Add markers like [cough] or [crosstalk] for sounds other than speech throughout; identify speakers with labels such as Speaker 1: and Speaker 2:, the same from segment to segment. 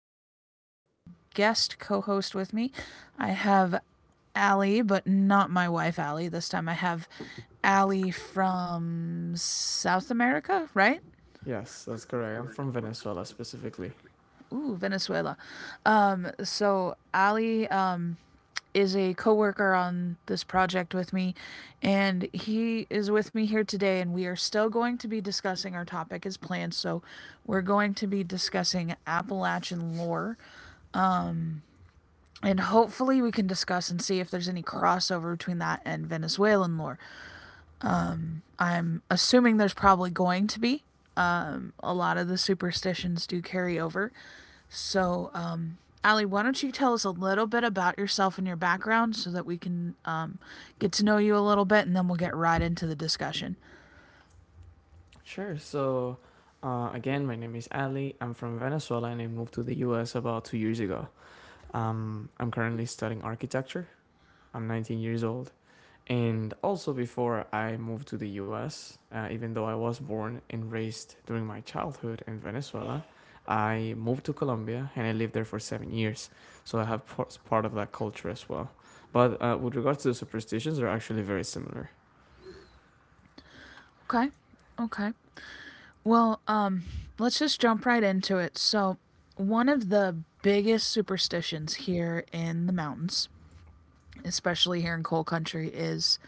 Speaker 1: special one. I have a guest co host with me. I have Allie, but not my wife, Allie. This time I have Allie from South America, right?
Speaker 2: Yes, that's correct. I'm from Venezuela specifically.
Speaker 1: Ooh, Venezuela. So Allie is a coworker on this project with me, and he is with me here today, and we are still going to be discussing our topic as planned. So we're going to be discussing Appalachian lore, and hopefully we can discuss and see if there's any crossover between that and Venezuelan lore. I'm assuming there's probably going to be a lot of the superstitions do carry over. So Allie, why don't you tell us a little bit about yourself and your background so that we can get to know you a little bit, and then we'll get right into the discussion.
Speaker 2: Sure. So, again, my name is Ali. I'm from Venezuela and I moved to the US about 2 years ago. I'm currently studying architecture. I'm 19 years old. And also, before I moved to the US, even though I was born and raised during my childhood in Venezuela, I moved to Colombia and I lived there for 7 years. So, I have part of that culture as well. But with regards to the superstitions, they're actually very similar.
Speaker 1: Okay. Okay. Well, let's just jump right into it. So, one of the biggest superstitions here in the mountains, especially here in coal country, is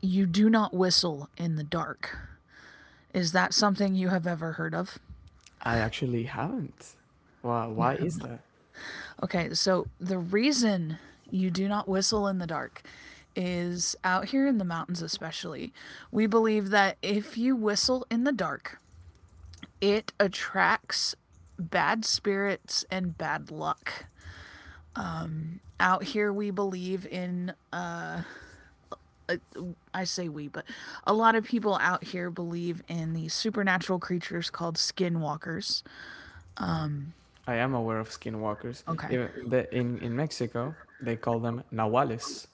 Speaker 1: you do not whistle in the dark. Is that something you have ever heard of?
Speaker 2: I actually haven't. Wow,
Speaker 1: You
Speaker 2: why
Speaker 1: have
Speaker 2: is
Speaker 1: not.
Speaker 2: that?
Speaker 1: Okay, so the reason you do not whistle in the dark is out here in the mountains, especially, we believe that if you whistle in the dark, it attracts bad spirits and bad luck. Out here, we believe in, uh, I say we, but a lot of people out here believe in these supernatural creatures called skinwalkers.
Speaker 2: I am aware of skinwalkers.
Speaker 1: Okay.
Speaker 2: In Mexico, they call them nahuales,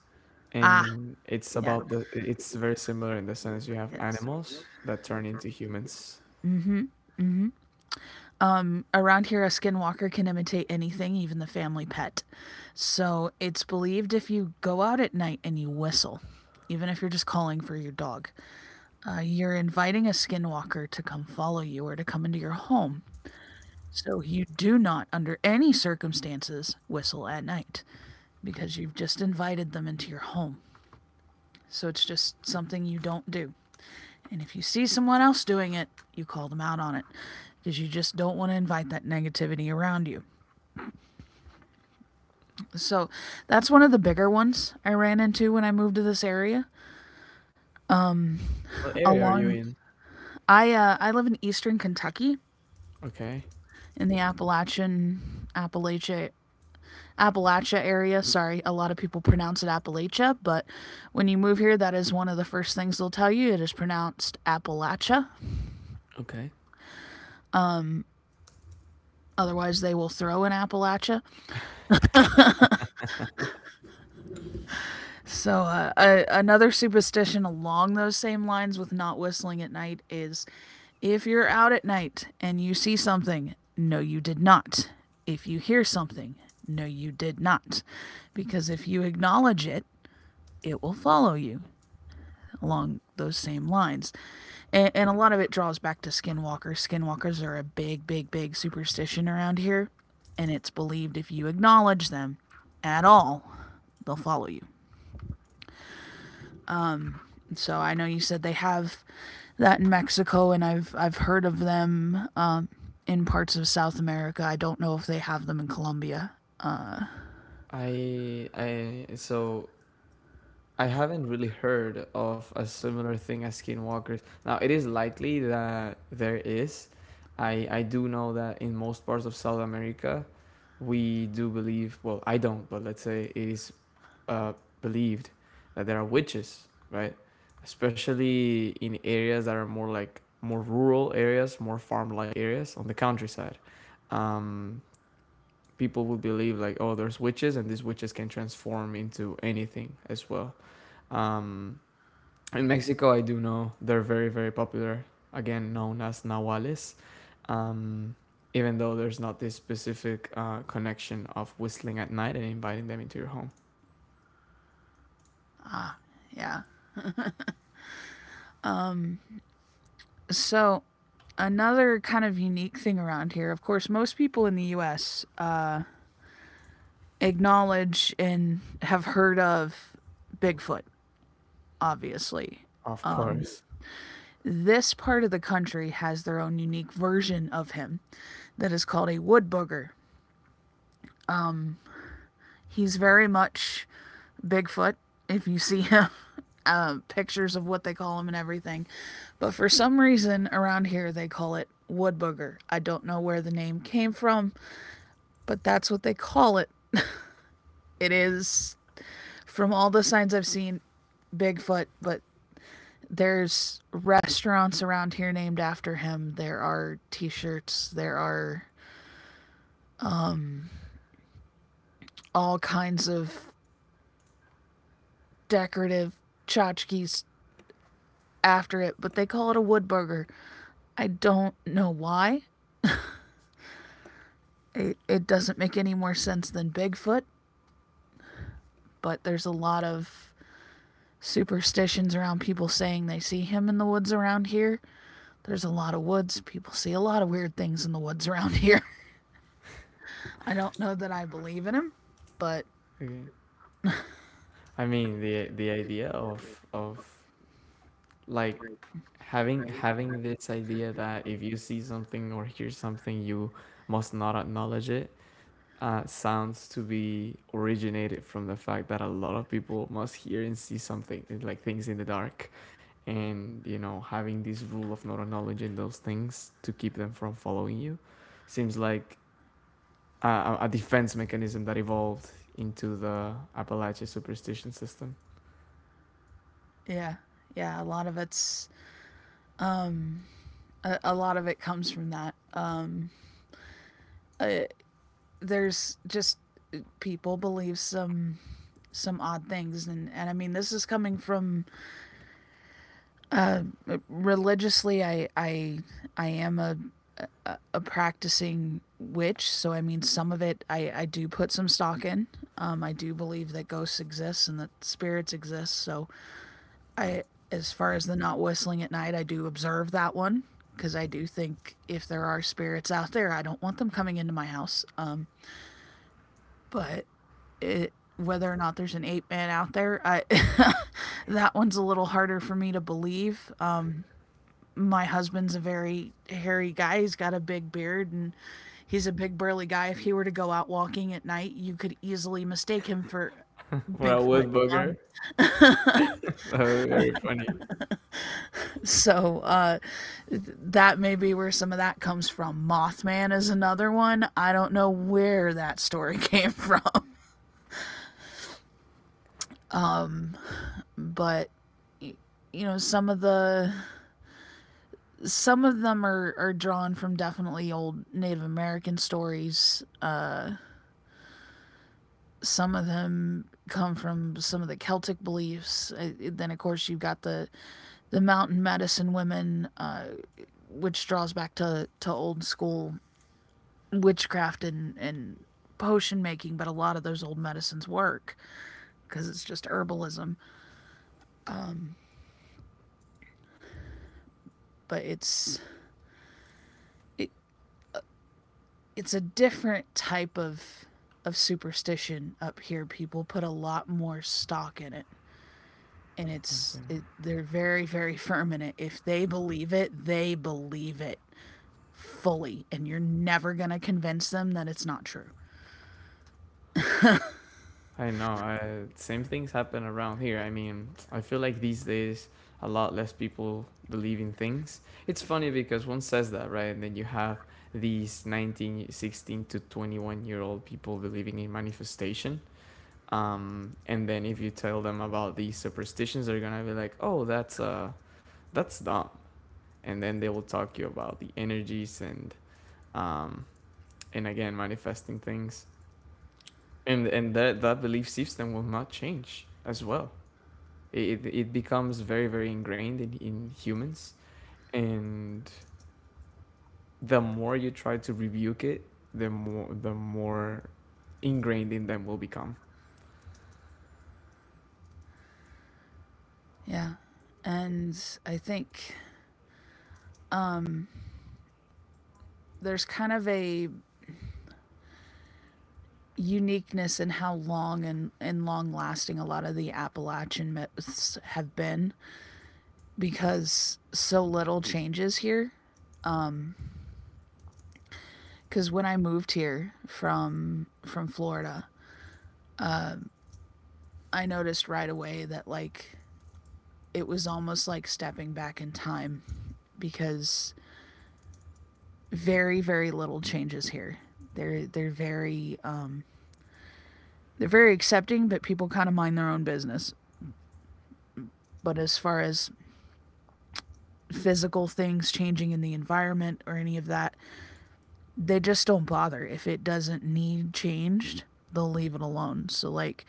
Speaker 1: Ah,
Speaker 2: and it's
Speaker 1: yeah.
Speaker 2: about the. it's very similar in the sense you have
Speaker 1: Yes.
Speaker 2: animals that turn into humans.
Speaker 1: Around here, a skinwalker can imitate anything, even the family pet. So it's believed if you go out at night and you whistle, even if you're just calling for your dog, you're inviting a skinwalker to come follow you or to come into your home. So you do not, under any circumstances, whistle at night because you've just invited them into your home. So it's just something you don't do. And if you see someone else doing it, you call them out on it because you just don't want to invite that negativity around you. So that's one of the bigger ones I ran into when I moved to this area.
Speaker 2: What area are you
Speaker 1: Along,
Speaker 2: in?
Speaker 1: I live in eastern Kentucky
Speaker 2: Okay,
Speaker 1: in the Appalachia area. Sorry, a lot of people pronounce it Appalachia, but when you move here, that is one of the first things they'll tell you. It is pronounced Appalachia.
Speaker 2: okay.
Speaker 1: Otherwise, they will throw in Appalachia. So, another superstition along those same lines with not whistling at night is if you're out at night and you see something, no, you did not. If you hear something, no, you did not. Because if you acknowledge it, it will follow you along those same lines. And a lot of it draws back to skinwalkers. Skinwalkers are a big, big, big superstition around here. And it's believed if you acknowledge them at all, they'll follow you. So I know you said they have that in Mexico, and I've heard of them in parts of South America. I don't know if they have them in Colombia. Uh,
Speaker 2: I so I haven't really heard of a similar thing as skinwalkers. Now it is likely that there is. I do know that in most parts of South America we do believe, well, I don't, but let's say it is, uh, believed that there are witches, right? Especially in areas that are more like more rural areas, more farm like areas on the countryside. um, People would believe, like, oh, there's witches, and these witches can transform into anything as well. um, in Mexico, I do know they're very, very popular, again known as nahuales. um, Even though there's not this specific, connection of whistling at night and inviting them into your home.
Speaker 1: yeah. Um, so another kind of unique thing around here, of course, most people in the U.S. Acknowledge and have heard of Bigfoot, obviously.
Speaker 2: Of course.
Speaker 1: This part of the country has their own unique version of him that is called a wood booger. He's very much Bigfoot if you see him. [laughs] Pictures of what they call him and everything. But for some reason around here, they call it wood booger. I don't know where the name came from, but that's what they call it. It is, from all the signs I've seen, Bigfoot, but there's restaurants around here named after him. There are t shirts, there are all kinds of decorative tchotchkes after it, but they call it a wood burger. I don't know why. It doesn't make any more sense than Bigfoot, but there's a lot of superstitions around people saying they see him in the woods around here. There's a lot of woods. People see a lot of weird things in the woods around here. [laughs] I don't know that I believe in him, but
Speaker 2: Okay. I mean, the idea of, like, having this idea that if you see something or hear something, you must not acknowledge it, sounds to be originated from the fact that a lot of people must hear and see something, like things in the dark. And having this rule of not acknowledging those things to keep them from following you seems like a defense mechanism that evolved into the Appalachian superstition system.
Speaker 1: yeah, yeah, a lot of it comes from that. Uh, there's just people believe some odd things, and I mean this is coming from religiously I am a practicing witch, so I mean, some of it I do put some stock in. I do believe that ghosts exist and that spirits exist. So I, as far as the not whistling at night, I do observe that one because I do think if there are spirits out there, I don't want them coming into my house. But whether or not there's an ape man out there, I, [laughs] that one's a little harder for me to believe. My husband's a very hairy guy. He's got a big beard, and he's a big burly guy. If he were to go out walking at night, you could easily mistake him for
Speaker 2: [laughs] For a
Speaker 1: Bigfoot.
Speaker 2: wood booger.
Speaker 1: Um,
Speaker 2: [laughs] That would be very funny.
Speaker 1: so that may be where some of that comes from. Mothman is another one. I don't know where that story came from, [laughs] but y- you know some of the some of them are drawn from definitely old Native American stories. Some of them come from some of the Celtic beliefs. Then, of course, you've got the mountain medicine women, which draws back to old school witchcraft, and potion making. But a lot of those old medicines work because it's just herbalism. But it, it's a different type of superstition up here. People put a lot more stock in it. And it's it,
Speaker 2: Okay.
Speaker 1: they're very, very firm in it. If they believe it, they believe it fully, and you're never going to convince them that it's not true.
Speaker 2: I know. Same things happen around here. I mean, I feel like these days a lot less people believe in things. It's funny because one says that, right? And then you have these 19, 16 to 21 year old people believing in manifestation. And then if you tell them about these superstitions, they're gonna be like, "Oh, that's dumb." And then they will talk you about the energies um, and again manifesting things. And that belief system will not change as well. It becomes very, very ingrained in humans. And the more you try to rebuke it, the more ingrained in them will become.
Speaker 1: Yeah. And I think there's kind of a uniqueness in how long and long lasting a lot of the Appalachian myths have been because so little changes here. Because when I moved here from Florida, I noticed right away that like it was almost like stepping back in time because very, very little changes here. They're they're very um, they're very accepting, but people kind of mind their own business. But as far as physical things changing in the environment or any of that, they just don't bother. If it doesn't need changed, they'll leave it alone. So like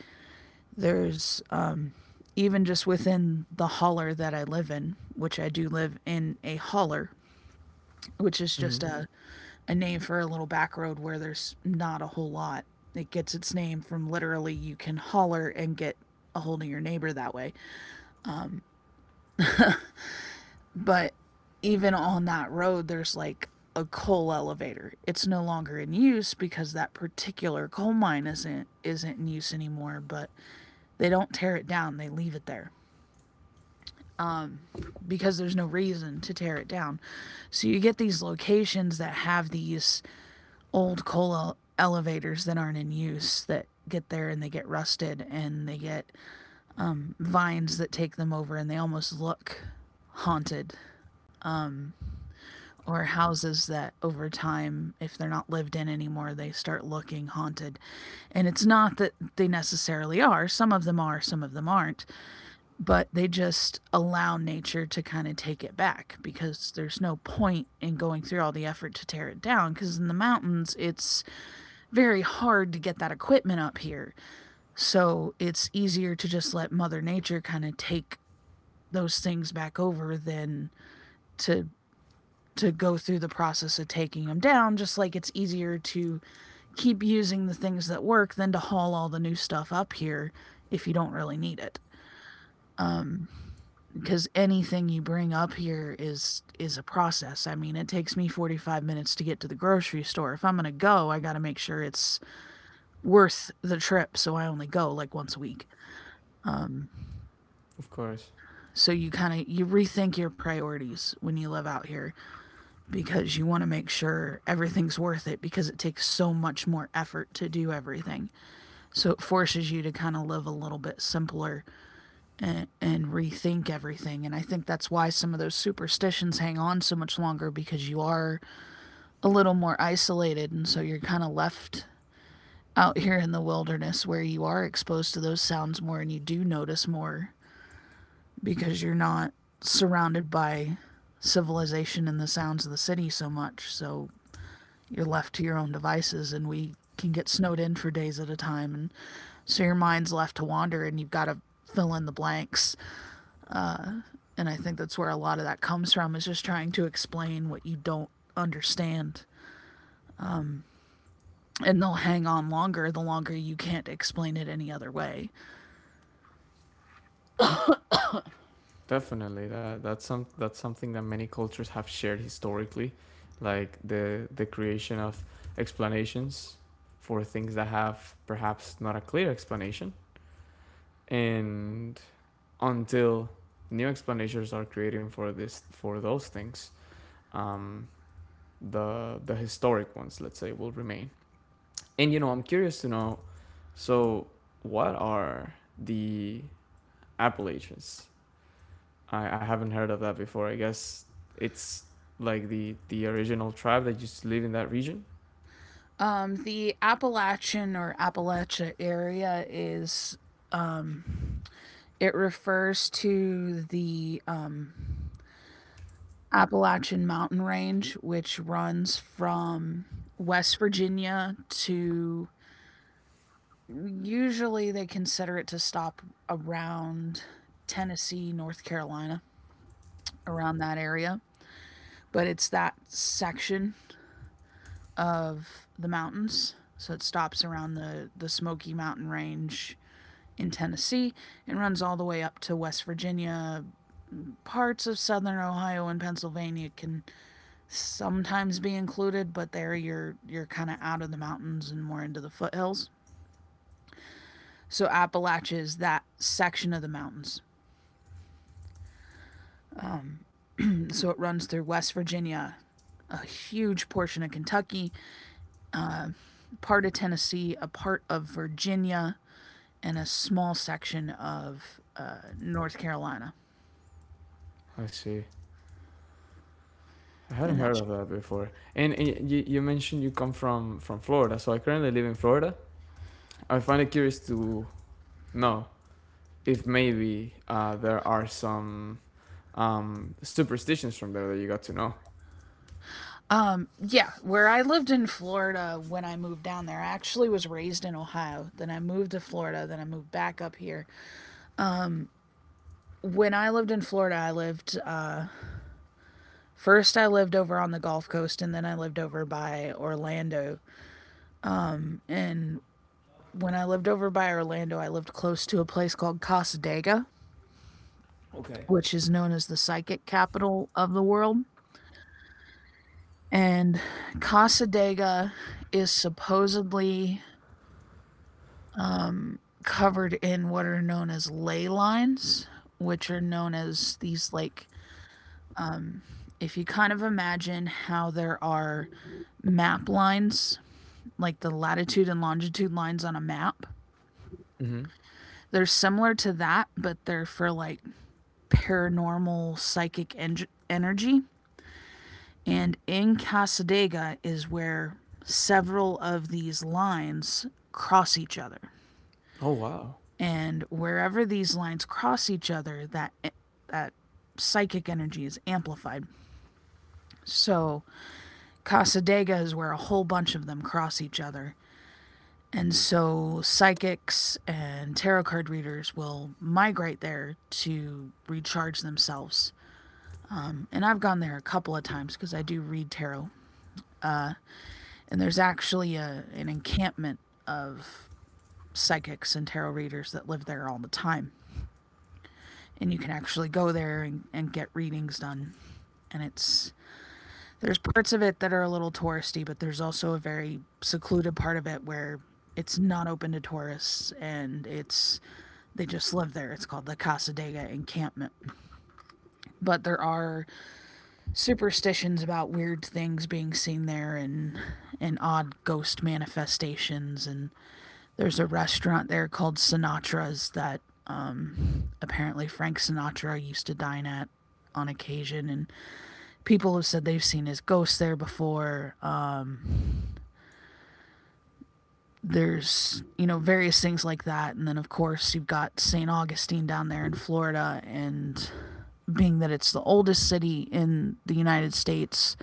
Speaker 1: there's even just within the holler that I live in, which I do live in a holler, which is
Speaker 2: Hmm.
Speaker 1: just a name for a little back road where there's not a whole lot. It gets its name from literally you can holler and get a hold of your neighbor that way. But even on that road, there's like a coal elevator. It's no longer in use because that particular coal mine isn't in use anymore, but they don't tear it down, they leave it there because there's no reason to tear it down. So you get these locations that have these old coal elevators that aren't in use that get there, and they get rusted, and they get vines that take them over, and they almost look haunted, or houses that over time if they're not lived in anymore they start looking haunted. And it's not that they necessarily are. Some of them are, some of them aren't, but they just allow nature to kind of take it back because there's no point in going through all the effort to tear it down because in the mountains it's very hard to get that equipment up here. So it's easier to just let Mother Nature kind of take those things back over than to go through the process of taking them down, just like it's easier to keep using the things that work than to haul all the new stuff up here if you don't really need it. Because anything you bring up here is a process. I mean, it takes me 45 minutes to get to the grocery store. If I'm going to go, I got to make sure it's worth the trip, so I only go like once a week.
Speaker 2: Of course.
Speaker 1: So you kind of you rethink your priorities when you live out here because you want to make sure everything's worth it because it takes so much more effort to do everything. So it forces you to kind of live a little bit simpler, and rethink everything. And I think that's why some of those superstitions hang on so much longer because you are a little more isolated and so you're kind of left out here in the wilderness where you are exposed to those sounds more and you do notice more because you're not surrounded by civilization and the sounds of the city so much. So you're left to your own devices, and we can get snowed in for days at a time. And so your mind's left to wander, and you've got to fill in the blanks. And I think that's where a lot of that comes from is just trying to explain what you don't understand. And they'll hang on longer the longer you can't explain it any other way.
Speaker 2: Definitely, that's something that many cultures have shared historically, like the creation of explanations for things that have perhaps not a clear explanation. And until new explanations are created for those things, um, the historic ones, let's say, will remain. And I'm curious to know. So, what are the Appalachians? I haven't heard of that before. I guess it's like the original tribe that used to live in that region.
Speaker 1: The Appalachian or Appalachia area is It refers to the Appalachian Mountain Range, which runs from West Virginia to Usually they consider it to stop around Tennessee, North Carolina, around that area. But it's that section of the mountains. So it stops around the Smoky Mountain Range in Tennessee and runs all the way up to West Virginia. Parts of southern Ohio and Pennsylvania can sometimes be included, but there you're kind of out of the mountains and more into the foothills. So Appalachia is that section of the mountains. So it runs through West Virginia, a huge portion of Kentucky, part of Tennessee, a part of Virginia, and a small section of North Carolina.
Speaker 2: I see. I hadn't
Speaker 1: And
Speaker 2: heard
Speaker 1: that's
Speaker 2: of that before. And you mentioned you come from Florida, so I currently live in Florida. I find it curious to know if maybe there are some superstitions from there that you got to know.
Speaker 1: Yeah, where I lived in Florida when I moved down there. I actually was raised in Ohio. Then I moved to Florida. Then I moved back up here. When I lived in Florida, I lived First, I lived over on the Gulf Coast, and then I lived over by Orlando. And when I lived over by Orlando, I lived close to a place called Casadega,
Speaker 2: Okay.
Speaker 1: which is known as the psychic capital of the world. And Casadega is supposedly covered in what are known as ley lines, which are known as these like if you kind of imagine how there are map lines, like the latitude and longitude lines on a map.
Speaker 2: Mm-hmm.
Speaker 1: They're similar to that, but they're for like paranormal psychic energy. And in Casadega is where several of these lines cross each other.
Speaker 2: Oh, wow.
Speaker 1: And wherever these lines cross each other, that psychic energy is amplified. So Casadega is where a whole bunch of them cross each other. And so psychics and tarot card readers will migrate there to recharge themselves. And I've gone there a couple of times because I do read tarot. And there's actually an encampment of psychics and tarot readers that live there all the time. And you can actually go there and get readings done. And it's there's parts of it that are a little touristy, but there's also a very secluded part of it where it's not open to tourists and it's they just live there. It's called the Casadega encampment. But there are superstitions about weird things being seen there and odd ghost manifestations, and there's a restaurant there called Sinatra's that apparently Frank Sinatra used to dine at on occasion, and people have said they've seen his ghost there before. There's various things like that. And then, of course, you've got St. Augustine down there in Florida, and being that it's the oldest city in the United States,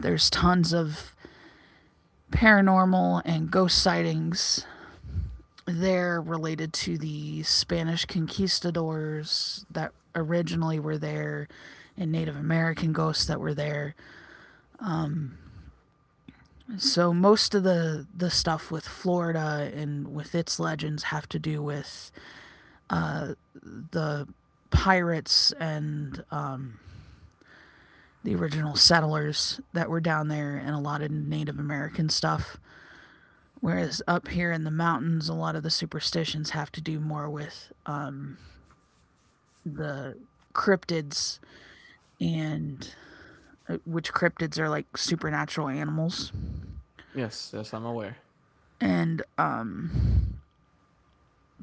Speaker 1: there's tons of paranormal and ghost sightings there related to the Spanish conquistadors that originally were there and Native American ghosts that were there. So most of the stuff with Florida and with its legends have to do with uh, the pirates and the original settlers that were down there, and a lot of Native American stuff. Whereas up here in the mountains, a lot of the superstitions have to do more with the cryptids and which cryptids are like supernatural animals.
Speaker 2: Yes, yes, I'm aware.
Speaker 1: And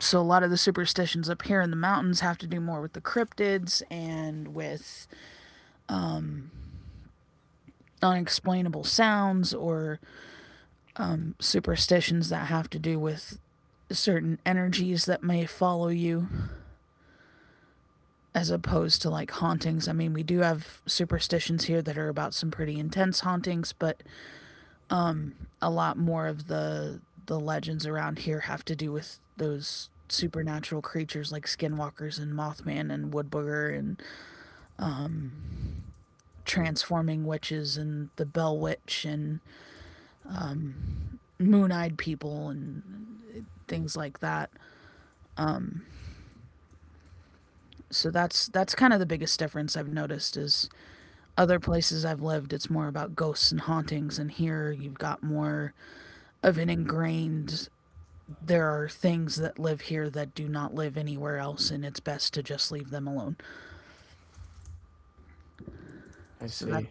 Speaker 1: so a lot of the superstitions up here in the mountains have to do more with the cryptids and with unexplainable sounds or superstitions that have to do with certain energies that may follow you as opposed to like hauntings. I mean, we do have superstitions here that are about some pretty intense hauntings, but a lot more of the legends around here have to do with those supernatural creatures like skinwalkers and Mothman and wood booger and transforming witches and the Bell Witch and moon-eyed people and things like that. So that's kind of the biggest difference I've noticed is other places I've lived it's more about ghosts and hauntings, and here you've got more of an ingrained. There are things that live here that do not live anywhere else, and it's best to just leave them alone.
Speaker 2: I
Speaker 1: So that,
Speaker 2: see.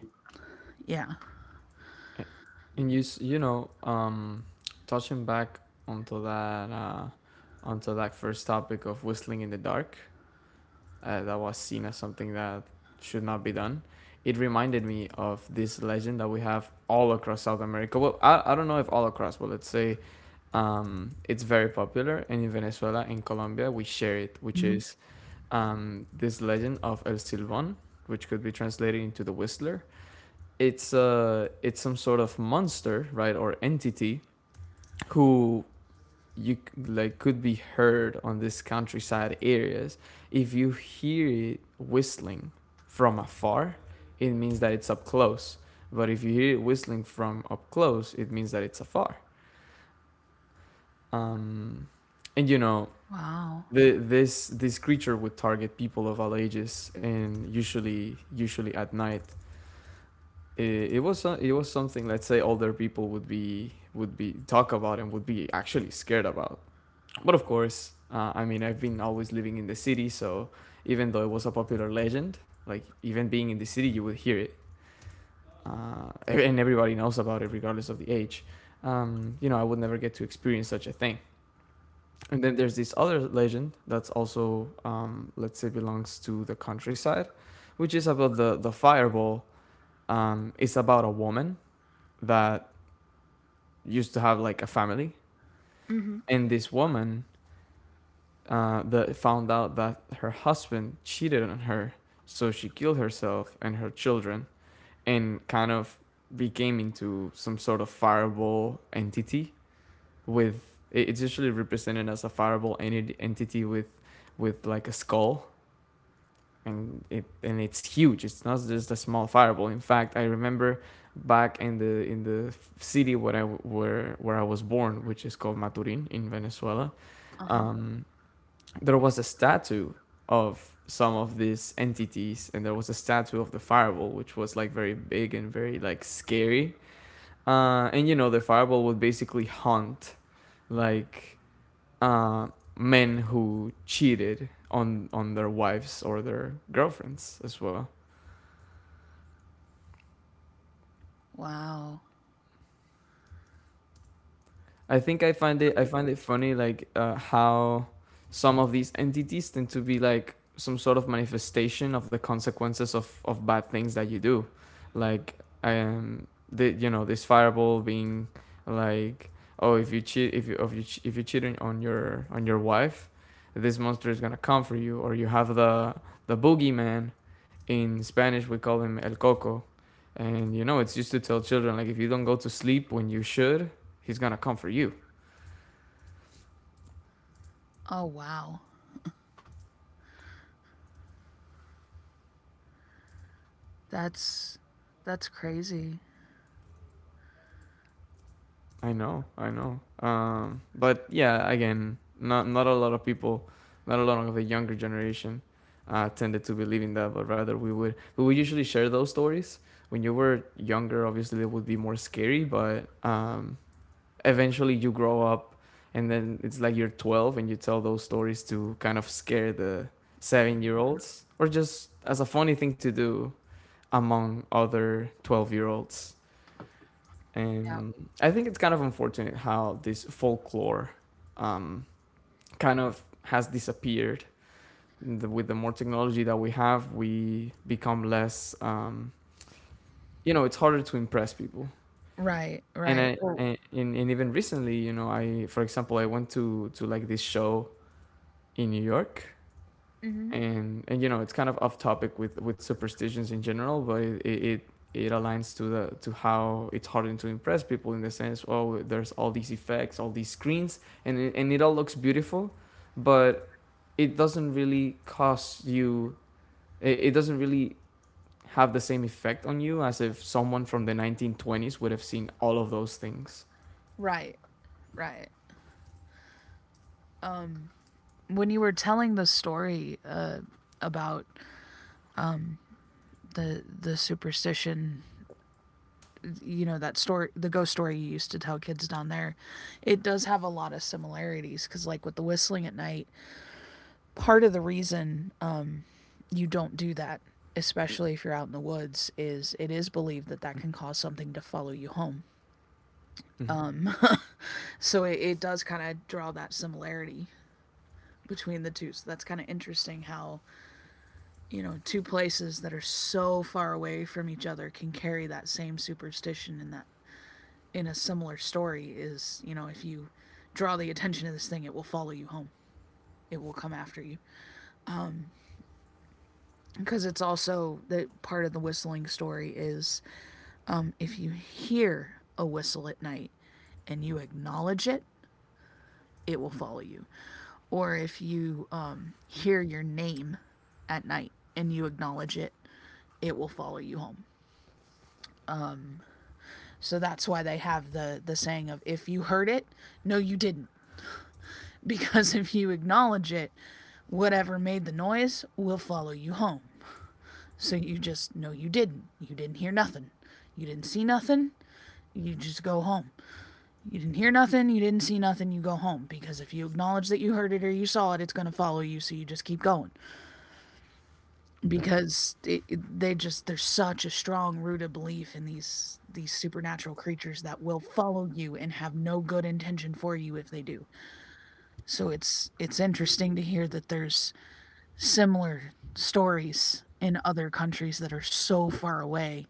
Speaker 1: yeah.
Speaker 2: A- And you know, touching back onto that, uh, onto that first topic of whistling in the dark, that was seen as something that should not be done. It reminded me of this legend that we have all across South America. Well, I don't know if all across, but let's say it's very popular. And in Venezuela and Colombia, we share it, which
Speaker 1: Mhm.
Speaker 2: is, this legend of El Silbón, which could be translated into the whistler. It's some sort of monster, right, or entity, who you, like, could be heard on these countryside areas. If you hear it whistling from afar, it means that it's up close, but if you hear it whistling from up close, it means that it's afar. um and
Speaker 1: Wow.
Speaker 2: this creature would target people of all ages, and usually at night. It was it was something, let's say, older people would be, talk about, and would be actually scared about. But of course, I mean, I've been always living in the city. So, even though it was a popular legend, like, even being in the city, you would hear it, and everybody knows about it regardless of the age. I would never get to experience such a thing. And then there's this other legend that's also, let's say, belongs to the countryside, which is about the fireball. It's about a woman that used to have, like, a family,
Speaker 1: Mm-hmm.
Speaker 2: and this woman, that found out that her husband cheated on her, so she killed herself and her children, and kind of became into some sort of fireball entity with, it's usually represented as a fireball entity with like a skull. And it's huge. It's not just a small fireball. In fact, I remember back in the city where I was born, which is called Maturin in Venezuela.
Speaker 1: Uh huh.
Speaker 2: um, there was a statue of some of these entities, and there was a statue of the fireball, which was, like, very big and very, like, scary. And the fireball would basically haunt, like, uh, men who cheated on their wives or their girlfriends as well.
Speaker 1: Wow.
Speaker 2: I think I find it funny, like, how some of these entities tend to be like some sort of manifestation of the consequences of bad things that you do. Like, I am the you know this fireball being, like, oh, if you're cheating on your wife, this monster is gonna come for you. Or you have the boogeyman. In Spanish, we call him el coco. And it's used to tell children, like, if you don't go to sleep when you should, he's gonna come for you.
Speaker 1: Oh, wow. That's that's crazy.
Speaker 2: I know, I know. But yeah, again, not a lot of people, not a lot of the younger generation, tended to believe in that. But rather, we would usually share those stories when you were younger. Obviously, it would be more scary, but, eventually you grow up, and then it's like you're 12 and you tell those stories to kind of scare the 7 year olds, or just as a funny thing to do among other 12-year olds.
Speaker 1: Yeah.
Speaker 2: And I think it's kind of unfortunate how this folklore, um, kind of has disappeared. With the more technology that we have, we become less, it's harder to impress people.
Speaker 1: Right.
Speaker 2: And
Speaker 1: Right.
Speaker 2: and even recently, for example, I went to, like, this show in New York.
Speaker 1: Mm-hmm.
Speaker 2: And it's kind of off topic with superstitions in general, but it aligns to the to how it's harder to impress people, in the sense, oh, there's all these effects, all these screens, and and it all looks beautiful. But it doesn't really cost you. It doesn't really have the same effect on you as if someone from the 1920s would have seen all of those things.
Speaker 1: Right. Right. When you were telling the story about the superstition, you know that story, the ghost story you used to tell kids down there, it does have a lot of similarities because, like with the whistling at night, part of the reason you don't do that, especially if you're out in the woods, is it is believed that that can cause something to follow you home.
Speaker 2: Mhm.
Speaker 1: So it does kind of draw that similarity between the two. So that's kind of interesting how, you know, two places that are so far away from each other can carry that same superstition, and that in a similar story is, if you draw the attention to this thing, it will follow you home. It will come after you. Because it's also that part of the whistling story is if you hear a whistle at night and you acknowledge it, it will follow you. Or if you hear your name at night and you acknowledge it, it will follow you home. So that's why they have the saying of if you heard it, no you didn't, [laughs] because if you acknowledge it, whatever made the noise will follow you home. So you just no you didn't. You didn't hear nothing. You didn't see nothing. You just go home. You didn't hear nothing, you didn't see nothing, you go home. Because if you acknowledge that you heard it or you saw it, it's going to follow you, so you just keep going. Because they just, there's such a strong rooted belief in these supernatural creatures that will follow you and have no good intention for you if they do. So it's interesting to hear that there's similar stories in other countries that are so far away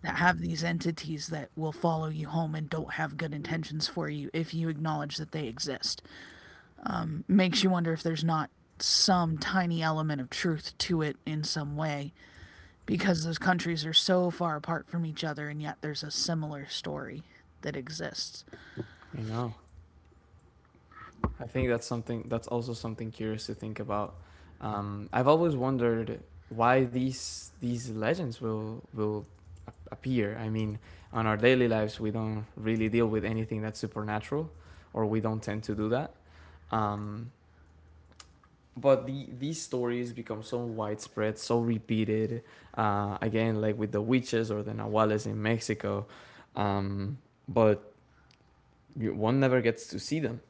Speaker 1: that have these entities that will follow you home and don't have good intentions for you if you acknowledge that they exist. Makes you wonder if there's not some tiny element of truth to it in some way because those countries are so far apart from each other and yet there's a similar story that exists.
Speaker 2: you know I think that's something, that's also something curious to think about. I've always wondered why these legends will appear. I mean, on our daily lives, we don't really deal with anything that's supernatural, or we don't tend to do that. Um, but these stories become so widespread, so repeated. Again, like with the witches or the nahuales in Mexico, um, but one never gets to see them.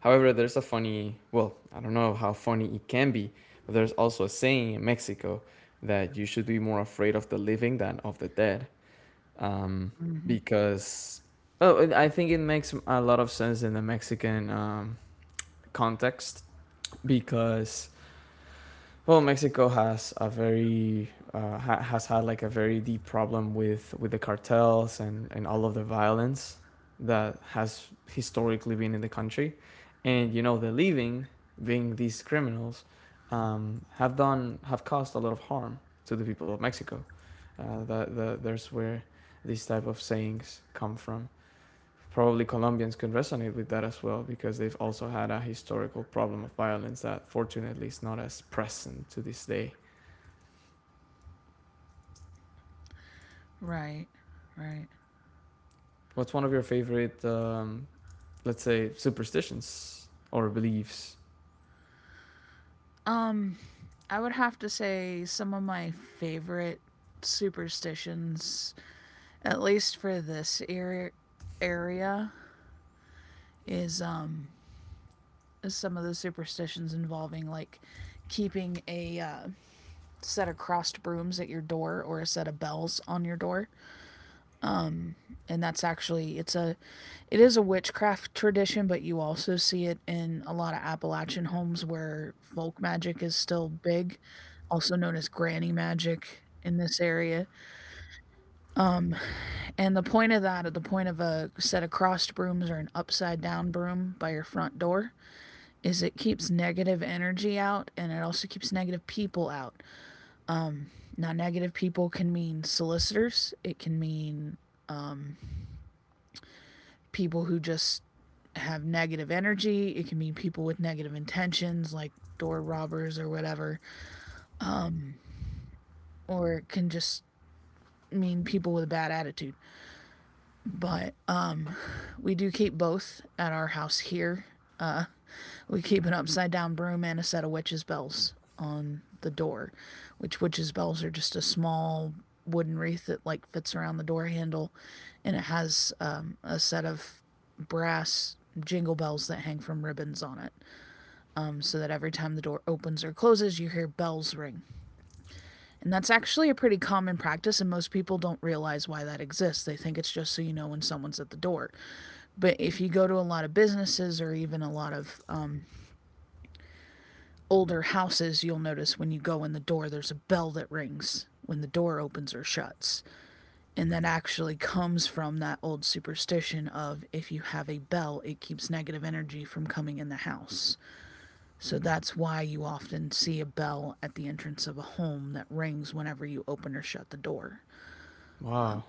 Speaker 2: However, there's a funny, well, I don't know how funny it can be, but there's also a saying in Mexico that you should be more afraid of the living than of the dead. Um, because, oh, and I think it makes a lot of sense in the Mexican, context, because, well, Mexico has a very, has had, like, a very deep problem with the cartels, and all of the violence that has historically been in the country, and the leaving being these criminals, have caused a lot of harm to the people of Mexico. There's where these type of sayings come from. Probably Colombians could resonate with that as well because they've also had a historical problem of violence that fortunately is not as present to this day.
Speaker 1: Right. Right.
Speaker 2: What's one of your favorite, let's say, superstitions or beliefs?
Speaker 1: Um I would have to say some of my favorite superstitions at least for this area is some of the superstitions involving like keeping a set of crossed brooms at your door or a set of bells on your door. And that's actually it is a witchcraft tradition, but you also see it in a lot of Appalachian homes where folk magic is still big, also known as granny magic in this area. um and the point of that at the point of a set of crossed brooms or an upside down broom by your front door is it keeps negative energy out, and it also keeps negative people out. Um, Non negative people can mean solicitors, it can mean um, people who just have negative energy, it can mean people with negative intentions, like door robbers or whatever, or it can just mean people with a bad attitude. But we do keep both at our house here. Uh, We keep an upside down broom and a set of witches' bells on the door, which witches' bells are just a small wooden wreath that like fits around the door handle, and it has a set of brass jingle bells that hang from ribbons on it, so that every time the door opens or closes, you hear bells ring. And that's actually a pretty common practice, and most people don't realize why that exists. They think it's just so you know when someone's at the door. But if you go to a lot of businesses or even a lot of older houses, you'll notice when you go in the door, there's a bell that rings when the door opens or shuts. And that actually comes from that old superstition of if you have a bell, it keeps negative energy from coming in the house. So that's why you often see a bell at the entrance of a home that rings whenever you open or shut the door.
Speaker 2: Wow.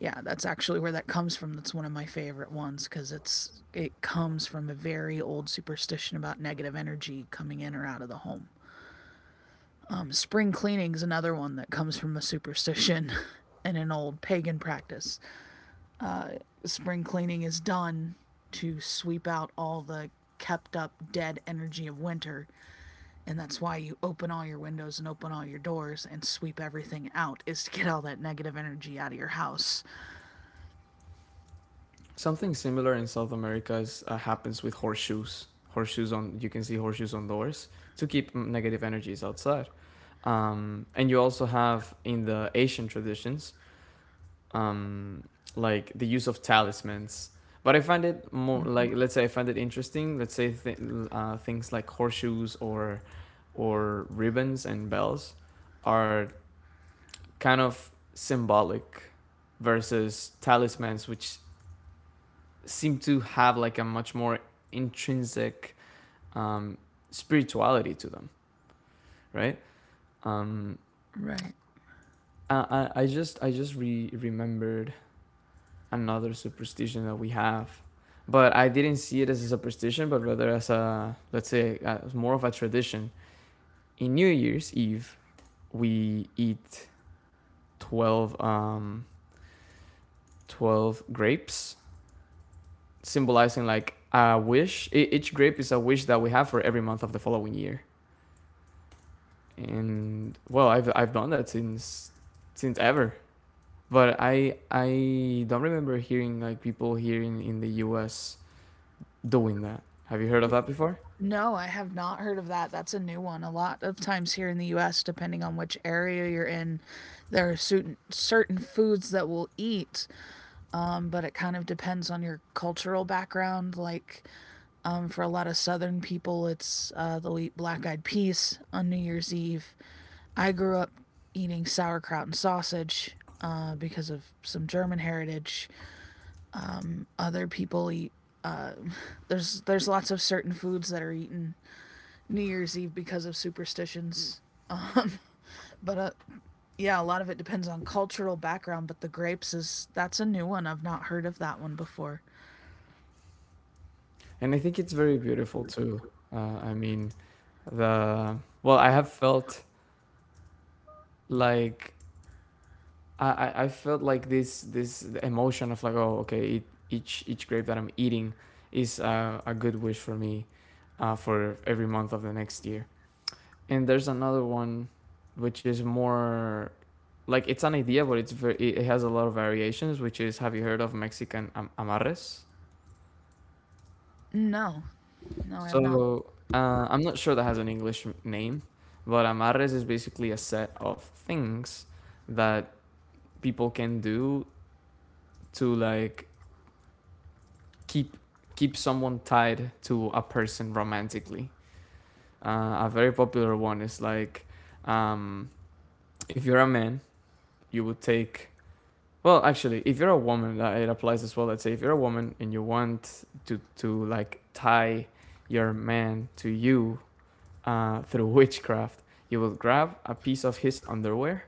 Speaker 1: Yeah, that's actually where that comes from. That's one of my favorite ones cuz it comes from a very old superstition about negative energy coming in or out of the home. Spring cleaning's another one that comes from a superstition [laughs] and an old pagan practice. Spring cleaning is done to sweep out all the kept up dead energy of winter, and that's why you open all your windows and open all your doors and sweep everything out is to get all that negative energy out of your house.
Speaker 2: Something similar in South America is, happens with horseshoes. Horseshoes on, you can see horseshoes on doors to keep negative energies outside. And you also have in the Asian traditions um, like the use of talismans. But I find it more like, let's say, I find it interesting. Things like horseshoes or ribbons and bells are kind of symbolic versus talismans, which seem to have like a much more intrinsic um, spirituality to them, right? Um,
Speaker 1: Right.
Speaker 2: I, I just re- remembered another superstition that we have. But I didn't see it as a superstition, but rather as a, let's say, as more of a tradition. In New Year's Eve, we eat 12, 12 grapes, symbolizing like a wish. Each grape is a wish that we have for every month of the following year. And well, I've done that since ever. But I don't remember hearing like people here in the US doing that. Have you heard of that before?
Speaker 1: No, I have not heard of that. That's a new one. A lot of times here in the US, depending on which area you're in, there are certain foods that we'll eat but it kind of depends on your cultural background. Like for a lot of Southern people, it's they'll eat black eyed peas on New Year's Eve. I grew up eating sauerkraut and sausage because of some German heritage. Other people eat. Uh, [laughs] there's lots of certain foods that are eaten New Year's Eve because of superstitions. Um, [laughs] but yeah, a lot of it depends on cultural background. But the grapes is that's a new one. I've not heard of that one before.
Speaker 2: And I think it's very beautiful too. I mean, the well, I have felt like I felt like this emotion of like, oh, okay, each grape that I'm eating is a good wish for me for every month of the next year. And there's another one which is more like it's an idea, but it's very, it has a lot of variations. Which is, have you heard of Mexican amarres?
Speaker 1: No, No, I have not.
Speaker 2: So I'm not sure that has an English name, but amarres is basically a set of things that people can do to like keep keep someone tied to a person romantically. A very popular one is like um, if you're a man, you would take. Well, actually, if you're a woman, it applies as well. Let's say if you're a woman and you want to like tie your man to you, through [laughs] witchcraft. You would grab a piece of his underwear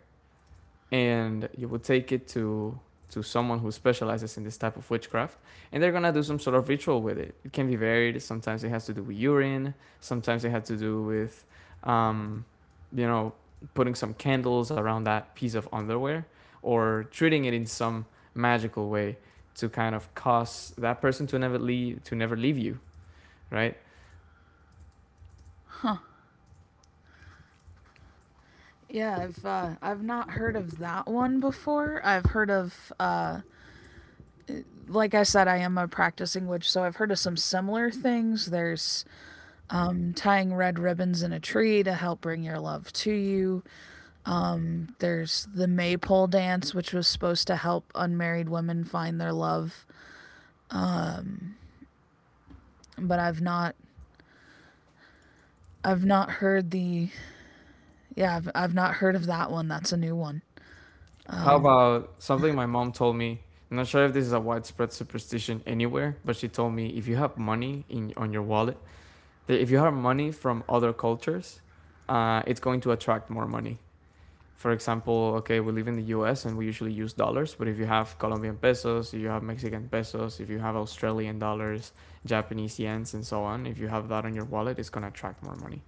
Speaker 2: and you would take it to someone who specializes in this type of witchcraft, and they're gonna do some sort of ritual with it. It can be varied. Sometimes it has to do with urine. Sometimes it has to do with, um, you know, putting some candles around that piece of underwear or treating it in some magical way to kind of cause that person to never leave you, right?
Speaker 1: Yeah, I've not heard of that one before. I've heard of like I said, I am a practicing witch, so I've heard of some similar things. There's tying red ribbons in a tree to help bring your love to you. There's the maypole dance, which was supposed to help unmarried women find their love, but I've not heard the I've not heard of that one. That's a new one.
Speaker 2: How about something my mom told me? I'm not sure if this is a widespread superstition anywhere, but she told me if you have money in on your wallet, that if you have money from other cultures, it's going to attract more money. For example, okay, we live in the U.S. and we usually use dollars, but if you have Colombian pesos, if you have Mexican pesos, if you have Australian dollars, Japanese yens, and so on, if you have that on your wallet, it's gonna attract more money.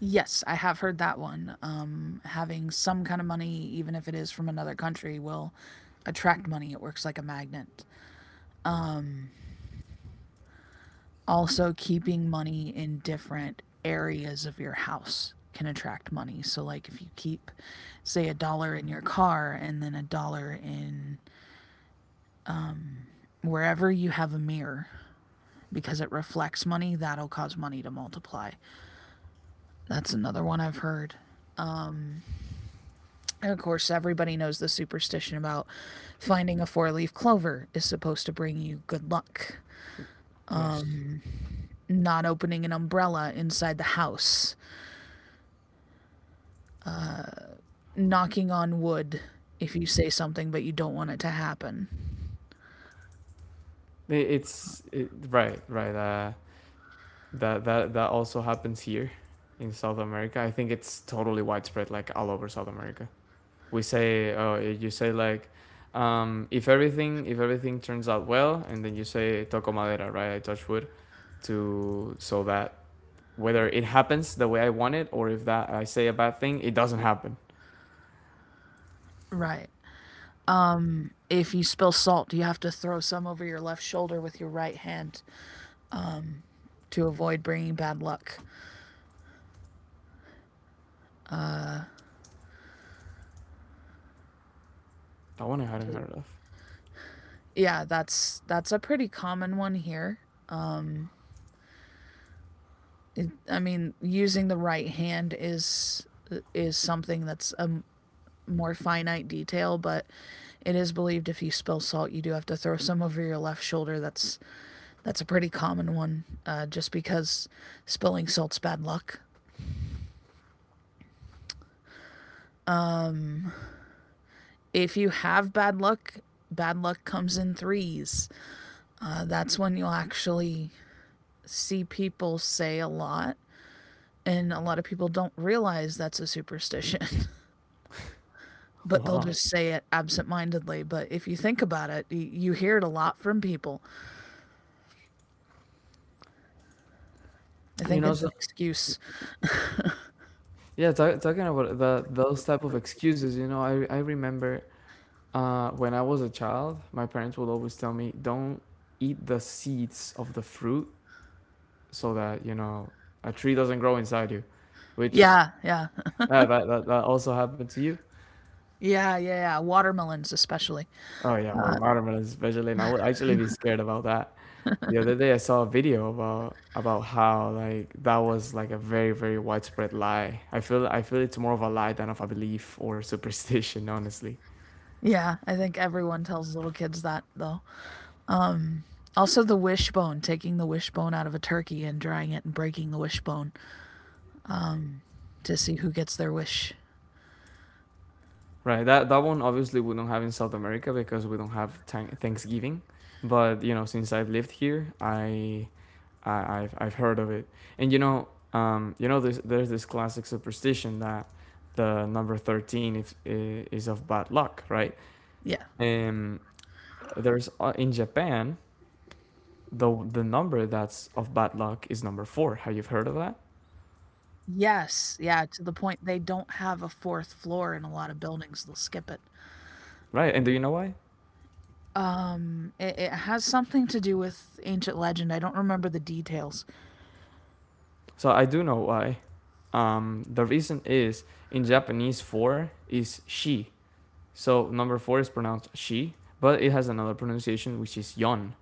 Speaker 1: Yes, I have heard that one. Having some kind of money, even if it is from another country, will attract money. It works like a magnet. Also, keeping money in different areas of your house can attract money. So, like if you keep, say, a dollar in your car and then a dollar in wherever you have a mirror because it reflects money, that'll cause money to multiply. That's another one I've heard. And of course, everybody knows the superstition about finding a four leaf clover is supposed to bring you good luck.
Speaker 2: Yeah.
Speaker 1: Not opening an umbrella inside the house. Knocking on wood if you say something but you don't want it to happen.
Speaker 2: Right, right. That that also happens here in South America. I think it's totally widespread, like all over South America. We say, oh, you say like, if everything, if everything turns out well, and then you say toco madera, right? I touch wood to so that whether it happens the way I want it or if that I say a bad thing, it doesn't happen.
Speaker 1: Right. If you spill salt, you have to throw some over your left shoulder with your right hand to avoid bringing bad luck.
Speaker 2: That one I hadn't heard of.
Speaker 1: Yeah, that's a pretty common one here. I mean, using the right hand is something that's more finite detail, but it is believed if you spill salt, you do have to throw some over your left shoulder. That's a pretty common one, just because spilling salt's bad luck. If you have bad luck comes in threes. That's when you'll actually see people say a lot, and a lot of people don't realize that's a superstition, [laughs] but they'll
Speaker 2: Wow.
Speaker 1: just say it absentmindedly. But if you think about it, you hear it a lot from people. I
Speaker 2: You
Speaker 1: think
Speaker 2: know,
Speaker 1: it's an
Speaker 2: so
Speaker 1: excuse.
Speaker 2: yeah, talking about the, those type of excuses, you know, I remember when I was a child, my parents would always tell me, "Don't eat the seeds of the fruit, so that you know a tree doesn't grow inside you." Which
Speaker 1: Yeah, yeah.
Speaker 2: yeah, that also happened to you.
Speaker 1: Yeah, yeah, yeah. Watermelons, especially.
Speaker 2: Oh yeah, with watermelons especially, and I would actually be scared about that. The other day, I saw a video about how like that was like a very widespread lie. I feel it's more of a lie than of a belief or [laughs] superstition, honestly.
Speaker 1: Yeah, I think everyone tells little kids that, though. Also, the wishbone, taking the wishbone out of a turkey and drying it and breaking the wishbone um, to see who gets their wish.
Speaker 2: Right. That that one obviously we don't have in South America because we don't have Thanksgiving. But you know, since I've lived here, I've heard of it. And you know, there's this classic superstition that the number 13 if, is of bad luck, right?
Speaker 1: Yeah.
Speaker 2: Um, there's In Japan, the number that's of bad luck is number four. Have you heard of that?
Speaker 1: Yes, yeah, to the point they don't have a fourth floor in a lot of buildings. They'll skip it.
Speaker 2: Right. And do you know why?
Speaker 1: It has something to do with ancient legend. I don't remember the details.
Speaker 2: So I do know why. The reason is in Japanese four is she. So number four is pronounced she, but it has another pronunciation, which is yon.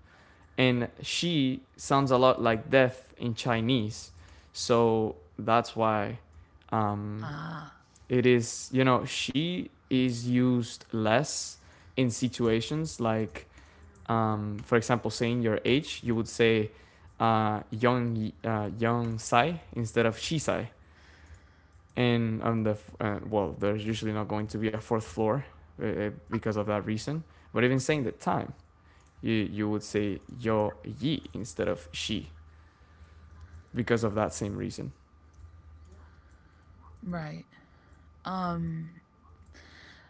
Speaker 2: And she sounds a lot like death in Chinese. So that's why um,
Speaker 1: Ah,
Speaker 2: it is, you know, she is used less in situations like, for example, saying your age, you would say young sai instead of she sai. And on the well, there's usually not going to be a fourth floor because of that reason. But even saying the time, you would say yo ye instead of she because of that same reason,
Speaker 1: right.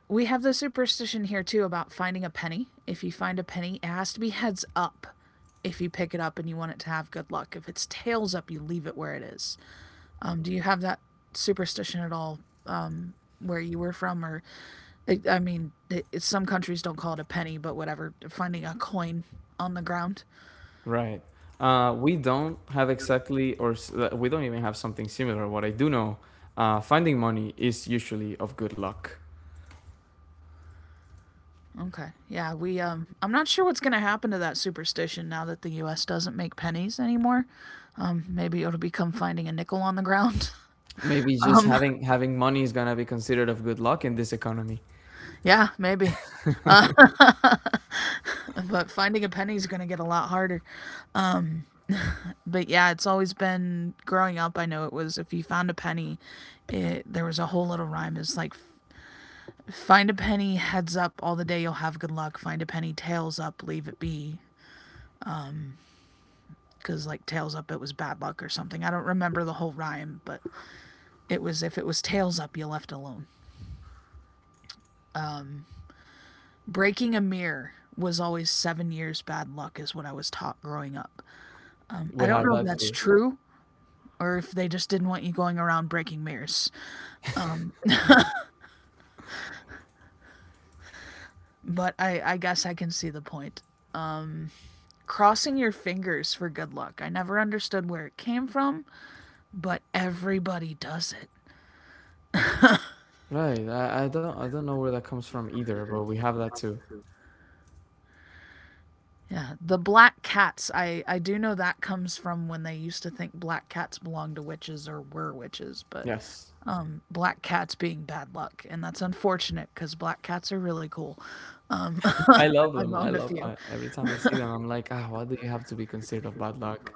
Speaker 1: We have the superstition here too about finding a penny. If you find a penny, it has to be heads up if you pick it up and you want it to have good luck. If it's tails up, you leave it where it is. Do you have that superstition at all where you were from? Or, like, I- mean, it's- some countries don't call it a penny, but whatever, finding a coin on the ground.
Speaker 2: right? We don't have exactly, or we don't even have something similar. What I do know, finding money is usually of good luck.
Speaker 1: Okay. I'm not sure what's going to happen to that superstition now that the U.S. doesn't make pennies anymore. Maybe it'll become finding a nickel on the ground. [laughs]
Speaker 2: Maybe just
Speaker 1: Um,
Speaker 2: having money is gonna be considered of good luck in this economy.
Speaker 1: Yeah, maybe. Uh, [laughs] but finding a penny is going to get a lot harder. Um, but yeah, it's always been growing up. I know it was if you found a penny, there was a whole little rhyme. It's like find a penny, heads up, all the day you'll have good luck. Find a penny, tails up, leave it be. Because like tails up, it was bad luck or something. I don't remember the whole rhyme, but it was if it was tails up, you left alone. Breaking a mirror was always 7 years bad luck, is what I was taught growing up. I
Speaker 2: We
Speaker 1: don't
Speaker 2: have
Speaker 1: know if
Speaker 2: that
Speaker 1: that's
Speaker 2: too,
Speaker 1: true or if they just didn't want you going around breaking mirrors. But I guess I can see the point. Crossing your fingers for good luck. I never understood where it came from, but everybody does it.
Speaker 2: right? I don't know where that comes from either, but we have that too.
Speaker 1: Yeah, the black cats. I do know that comes from when they used to think black cats belonged to witches or were witches, but
Speaker 2: Yes.
Speaker 1: black cats being bad luck, and that's unfortunate because black cats are really cool. Um,
Speaker 2: I love
Speaker 1: [laughs] I've
Speaker 2: them.
Speaker 1: owned a few.
Speaker 2: Every time I see them, I'm like, ah, what do you have to be considered of bad luck?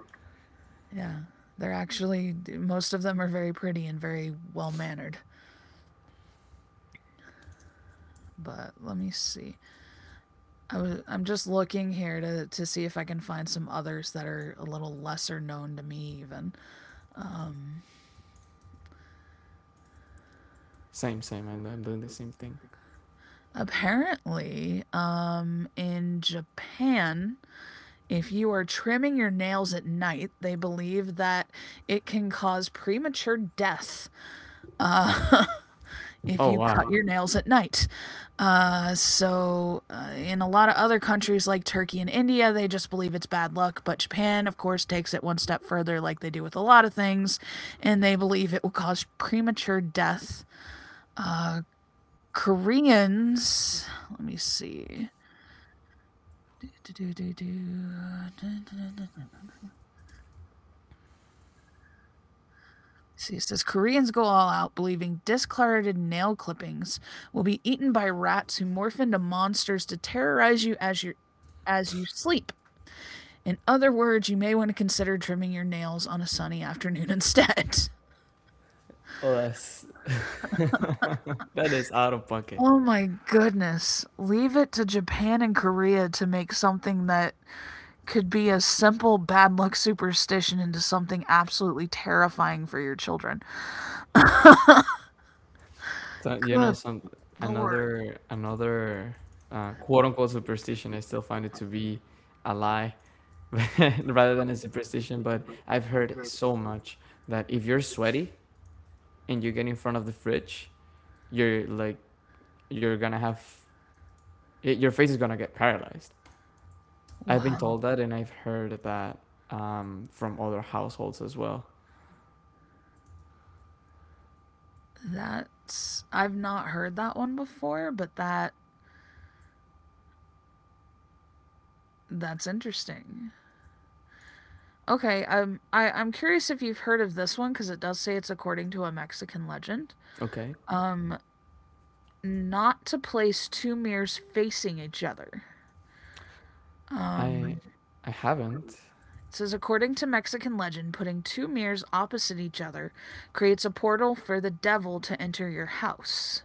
Speaker 1: Yeah, they're actually most of them are very pretty and very well mannered. But let me see. I'm just looking here to see if I can find some others that are a little lesser known to me even.
Speaker 2: Same, same, and I'm doing the same thing.
Speaker 1: Apparently, in Japan, if you are trimming your nails at night, they believe that it can cause premature death. Uh, [laughs] if
Speaker 2: Oh
Speaker 1: you cut
Speaker 2: wow.
Speaker 1: your nails at night. In a lot of other countries like Turkey and India, they just believe it's bad luck. But Japan, of course, takes it one step further, like they do with a lot of things, and they believe it will cause premature death. Koreans, let me see. See, it says Koreans go all out, believing discarded nail clippings will be eaten by rats who morph into monsters to terrorize you as you as you sleep. In other words, you may want to consider trimming your nails on a sunny afternoon instead. [laughs]
Speaker 2: Oh, that's [laughs] that is out of pocket.
Speaker 1: Oh my goodness. Leave it to Japan and Korea to make something that could be a simple bad luck superstition into something absolutely terrifying for your children.
Speaker 2: So you know,
Speaker 1: Good
Speaker 2: some,
Speaker 1: lord.
Speaker 2: another quote unquote superstition. I still find it to be a lie, [laughs] rather than a superstition. But I've heard so much that if you're sweaty and you get in front of the fridge, you're like you're gonna have your face is gonna get paralyzed. I've been
Speaker 1: Wow.
Speaker 2: told that, and I've heard that from other households as well.
Speaker 1: That's I've not heard that one before, but that's interesting. Okay, I'm curious if you've heard of this one cuz it does say it's according to a Mexican legend.
Speaker 2: Okay,
Speaker 1: Not to place two mirrors facing each other.
Speaker 2: I I haven't.
Speaker 1: It says, according to Mexican legend, putting two mirrors opposite each other creates a portal for the devil to enter your house.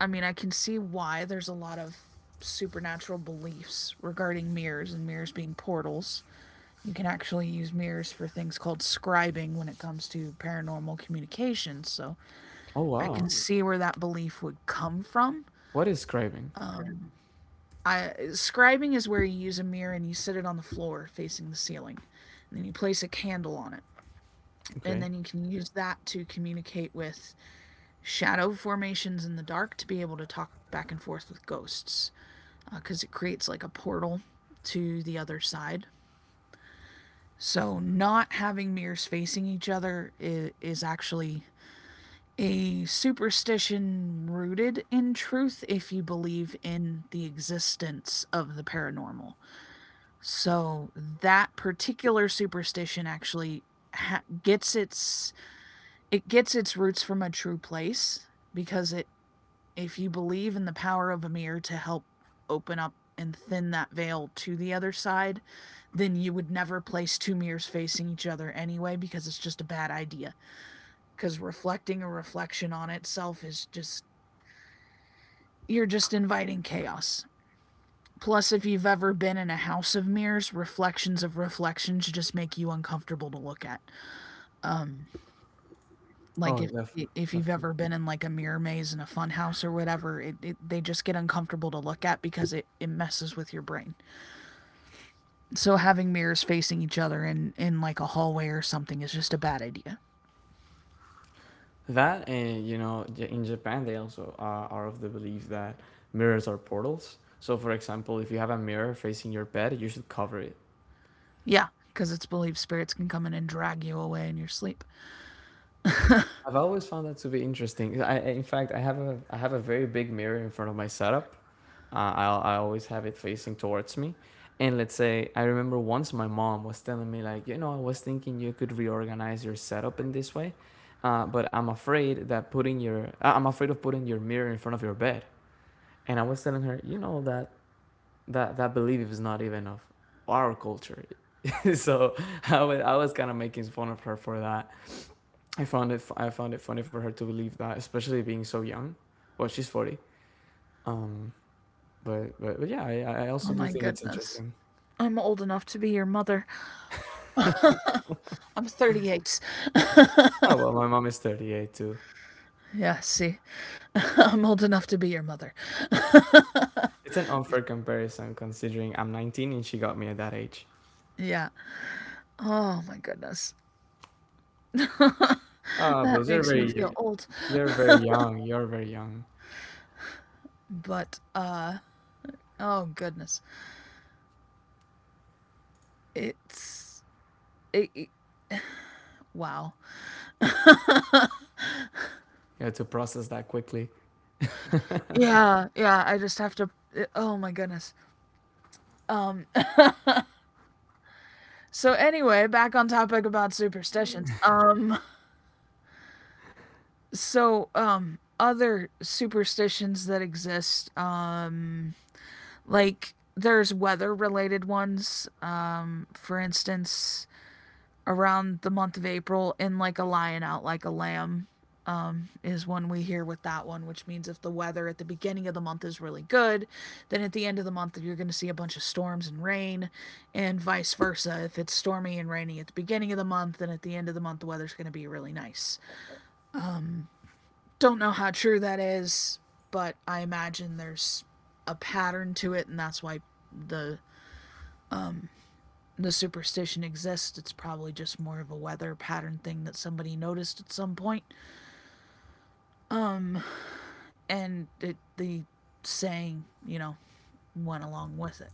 Speaker 1: I mean, I can see why there's a lot of supernatural beliefs regarding mirrors and mirrors being portals. You can actually use mirrors for things called scribing when it comes to paranormal communications, so
Speaker 2: Oh
Speaker 1: I
Speaker 2: wow,
Speaker 1: can see where that belief would come from.
Speaker 2: what is scribing?
Speaker 1: Scribing is where you use a mirror and you set it on the floor facing the ceiling. And then you place a candle on it. And
Speaker 2: Okay.
Speaker 1: then you can use that to communicate with shadow formations in the dark to be able to talk back and forth with ghosts. Because it creates like a portal to the other side. So, not having mirrors facing each other is actually a superstition rooted in truth if you believe in the existence of the paranormal. So that particular superstition actually gets its it gets its roots from a true place because it if you believe in the power of a mirror to help open up and thin that veil to the other side, then you would never place two mirrors facing each other anyway because it's just a bad idea. Because reflecting a reflection on itself is just, you're just inviting chaos. Plus, if you've ever been in a house of mirrors, reflections of reflections just make you uncomfortable to look at. Like
Speaker 2: Oh,
Speaker 1: if you've
Speaker 2: def-
Speaker 1: ever been in like a mirror maze in a fun house or whatever, they just get uncomfortable to look at because it messes with your brain. So having mirrors facing each other in like a hallway or something is just a bad idea.
Speaker 2: that, and you know, in Japan they also are of the belief that mirrors are portals. So for example, if you have a mirror facing your bed, you should cover it.
Speaker 1: Yeah, because it's believed spirits can come in and drag you away in your sleep.
Speaker 2: I've always found that to be interesting. In fact, I have a very big mirror in front of my setup. I I always have it facing towards me. And let's say, I remember once my mom was telling me like, you know, I was thinking you could reorganize your setup in this way, but I'm afraid that I'm afraid of putting your mirror in front of your bed. And I was telling her, you know, that that belief is not even of our culture. [laughs] So I was kind of making fun of her for that. I found it funny for her to believe that, especially being so young. Well, she's 40. Um, but yeah, I
Speaker 1: Oh
Speaker 2: also do
Speaker 1: my
Speaker 2: think it's
Speaker 1: goodness.
Speaker 2: interesting.
Speaker 1: I'm old enough to be your mother. I'm 38.
Speaker 2: Oh well, my mom is 38 too.
Speaker 1: Yeah, see. [laughs] I'm old enough to be your mother.
Speaker 2: It's an unfair comparison considering I'm 19 and she got me at that age.
Speaker 1: Yeah. Oh my goodness. [laughs] that
Speaker 2: Ah, but you're
Speaker 1: Makes me
Speaker 2: very,
Speaker 1: feel old.
Speaker 2: you're very young. You're very young.
Speaker 1: But uh Oh goodness. It's it, it- wow.
Speaker 2: You had to process that quickly.
Speaker 1: Yeah, I just have to oh my goodness. So anyway, back on topic about superstitions. So other superstitions that exist, like there's weather related ones, for instance around the month of April, in like a lion out like a lamb is when we hear with that one, which means if the weather at the beginning of the month is really good, then at the end of the month you're going to see a bunch of storms and rain, and vice versa. If it's stormy and rainy at the beginning of the month, then at the end of the month the weather's going to be really nice. Don't know how true that is, but I imagine there's a pattern to it, and that's why the the superstition exists. It's probably just more of a weather pattern thing that somebody noticed at some point. And it, the saying, went along with it.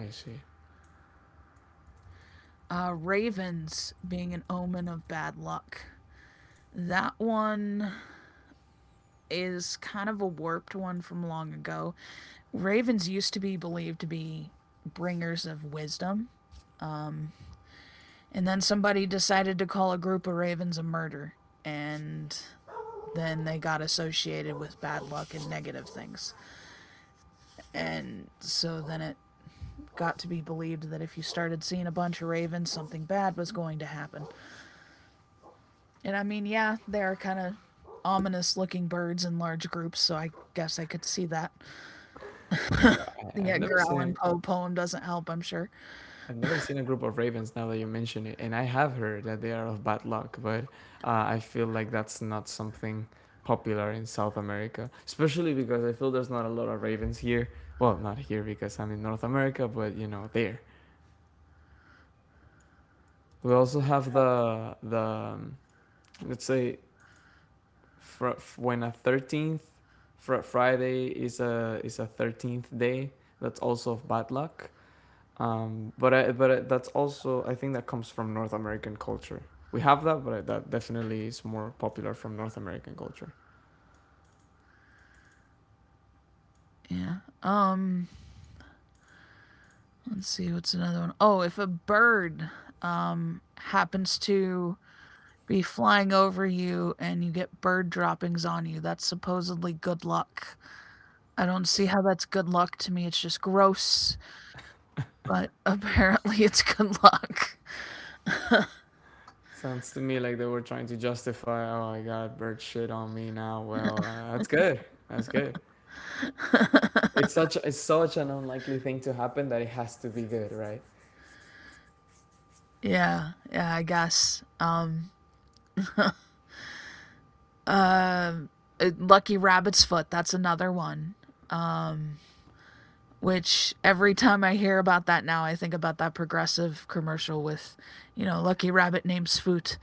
Speaker 2: I see.
Speaker 1: Ravens being an omen of bad luck. That one is kind of a warped one from long ago. Ravens used to be believed to be bringers of wisdom, and then somebody decided to call a group of ravens a murder, and then they got associated with bad luck and negative things. And so then it got to be believed that if you started seeing a bunch of ravens, something bad was going to happen. And I mean, yeah, they are kind of ominous looking birds in large groups, so I guess I could see that.
Speaker 2: Oh, I,
Speaker 1: The
Speaker 2: I've never
Speaker 1: Edgar
Speaker 2: seen
Speaker 1: Allan
Speaker 2: it.
Speaker 1: Poe poem doesn't help, I'm sure.
Speaker 2: I've never seen a group of ravens now that you mention it, and I have heard that they are of bad luck, but I feel like that's not something popular in South America, especially because I feel there's not a lot of ravens here. Well, not here because I'm in North America, but you know, there. We also have the um, let's say fr- f- when a 13th fr- Friday is a 13th day, that's also of bad luck. But I, that's also I think that comes from North American culture. We have that, but I, that definitely is more popular from North American culture.
Speaker 1: Yeah. Um, let's see, what's another one? Oh, if a bird happens to be flying over you and you get bird droppings on you, that's supposedly good luck. I don't see how that's good luck to me. It's just gross, but [laughs] apparently it's good luck. [laughs]
Speaker 2: Sounds to me like they were trying to justify. Oh, I got bird shit on me now. Well, that's good. That's good. It's such an unlikely thing to happen that it has to be good, right?
Speaker 1: Yeah, yeah, I guess. Lucky Rabbit's Foot, that's another one. Which every time I hear about that now, I think about that progressive commercial with, you know, Lucky Rabbit names Foot.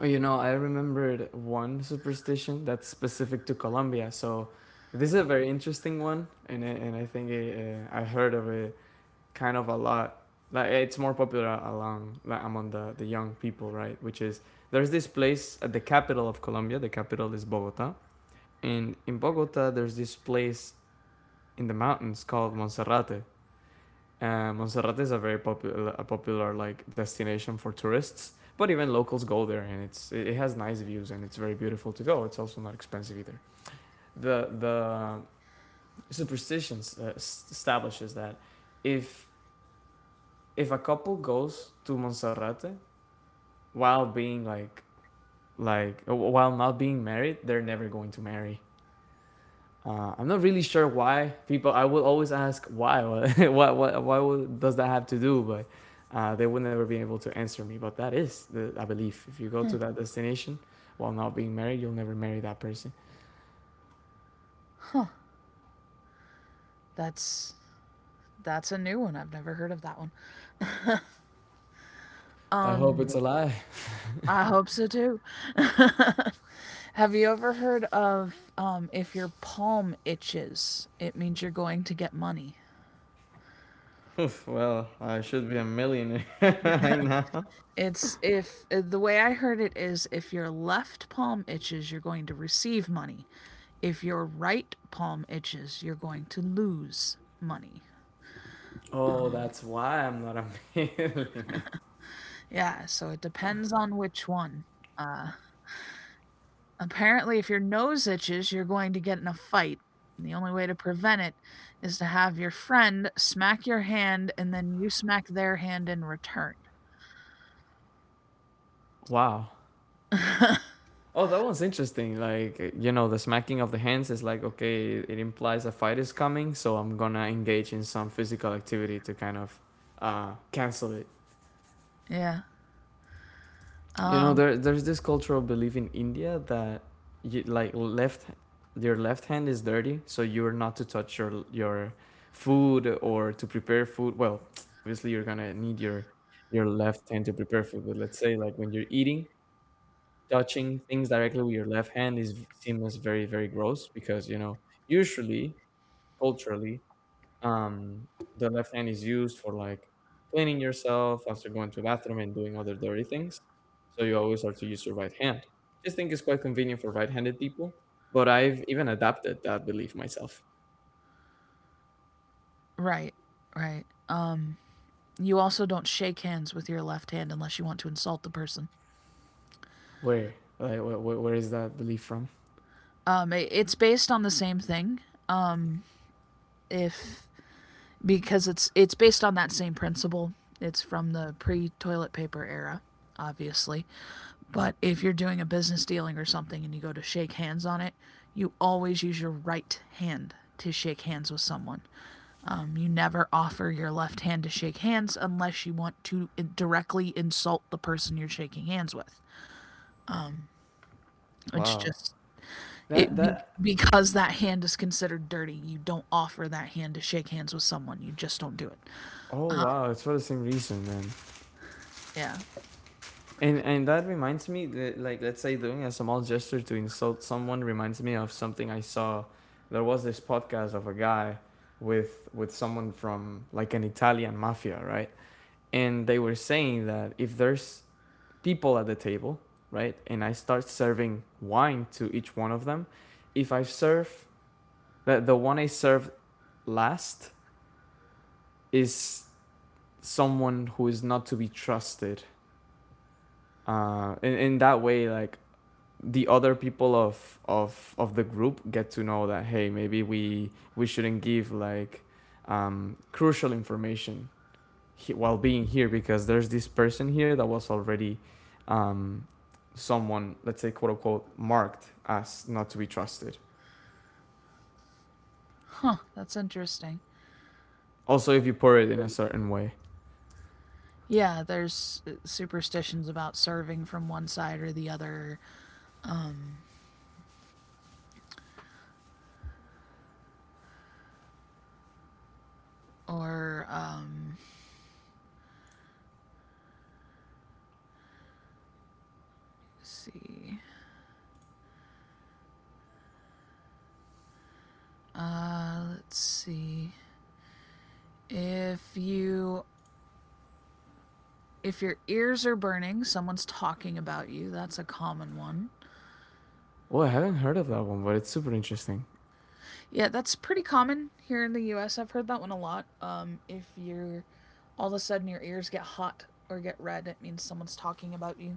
Speaker 2: Oh, you know, I remembered one superstition that's specific to Colombia. So this is a very interesting one, and I think I heard of it kind of a lot, like it's more popular along, like among the young people, right? Which is there's this place at the capital of Colombia. The capital is Bogota, and in Bogota there's this place in the mountains called Monserrate. Monserrate is a very popular a popular, like, destination for tourists, but even locals go there, and it has nice views and it's very beautiful to go. It's also not expensive either. The the superstitions establishes that if if a couple goes to Monserrate while being while not being married, they're never going to marry. I'm not really sure why people. I will always ask why. [laughs] What Why would, does that have to do? But they would never be able to answer me. But that is the, I believe, if you go to that destination while not being married, you'll never marry that person.
Speaker 1: That's that's a new one. I've never heard of that one.
Speaker 2: I hope it's a lie.
Speaker 1: I hope so too. Have you ever heard of, if your palm itches, it means you're going to get money?
Speaker 2: [laughs] Oof, well, I should be a millionaire [laughs] right now.
Speaker 1: It's, if the way I heard it is if your left palm itches, you're going to receive money. If your right palm itches, you're going to lose money.
Speaker 2: Oh,
Speaker 1: Um,
Speaker 2: that's why I'm not a [laughs] millionaire.
Speaker 1: yeah, so it depends on which one. Uh, Apparently, if your nose itches, you're going to get in a fight. And the only way to prevent it is to have your friend smack your hand and then you smack their hand in return.
Speaker 2: Wow. Oh, that was interesting. Like, you know, the smacking of the hands is like, okay, it implies a fight is coming, so I'm gonna engage in some physical activity to kind of cancel it.
Speaker 1: Yeah.
Speaker 2: You know,
Speaker 1: Um,
Speaker 2: there's this cultural belief in India that, you, like, left your left hand is dirty, so you're not to touch your food or to prepare food. Well, obviously, you're gonna need your left hand to prepare food, but let's say like when you're eating, touching things directly with your left hand is, seems very very gross, because, you know, usually, culturally, um the left hand is used for like cleaning yourself after going to the bathroom and doing other dirty things. So you always have to use your right hand. Just think it's quite convenient for right-handed people, but I've even adapted that belief myself.
Speaker 1: right, right. You also don't shake hands with your left hand unless you want to insult the person.
Speaker 2: Where? Like, where is that belief from?
Speaker 1: It's based on the same thing. If, because it's based on that same principle. It's from the pre-toilet paper era, obviously. But if you're doing a business dealing or something and you go to shake hands on it, you always use your right hand to shake hands with someone. You never offer your left hand to shake hands unless you want to directly insult the person you're shaking hands with. It's
Speaker 2: Wow.
Speaker 1: just
Speaker 2: That
Speaker 1: it be,
Speaker 2: that.
Speaker 1: because that hand is considered dirty. You don't offer that hand to shake hands with someone. You just don't do it.
Speaker 2: Oh wow, it's for the same reason, man.
Speaker 1: Yeah.
Speaker 2: And that reminds me, that, like, let's say doing a small gesture to insult someone reminds me of something I saw. There was this podcast of a guy with someone from like an Italian mafia, right? And they were saying that if there's people at the table, right, and I start serving wine to each one of them, if I serve, that the one I serve last is someone who is not to be trusted. In that way, like, the other people of the group get to know that, hey, maybe we shouldn't give like crucial information, while being here, because there's this person here that was already, um, someone, let's say, quote unquote, marked as not to be trusted.
Speaker 1: Huh, that's interesting.
Speaker 2: Also, if you pour it in a certain way.
Speaker 1: Yeah, there's superstitions about serving from one side or the other. Um, or, um, let's see. Let's see. If you. If your ears are burning, someone's talking about you. That's a common one.
Speaker 2: Well, I haven't heard of that one, but it's super interesting.
Speaker 1: Yeah, that's pretty common here in the U. Have heard that one a lot. If you're, all of a sudden your ears get hot or get red, it means someone's talking about you.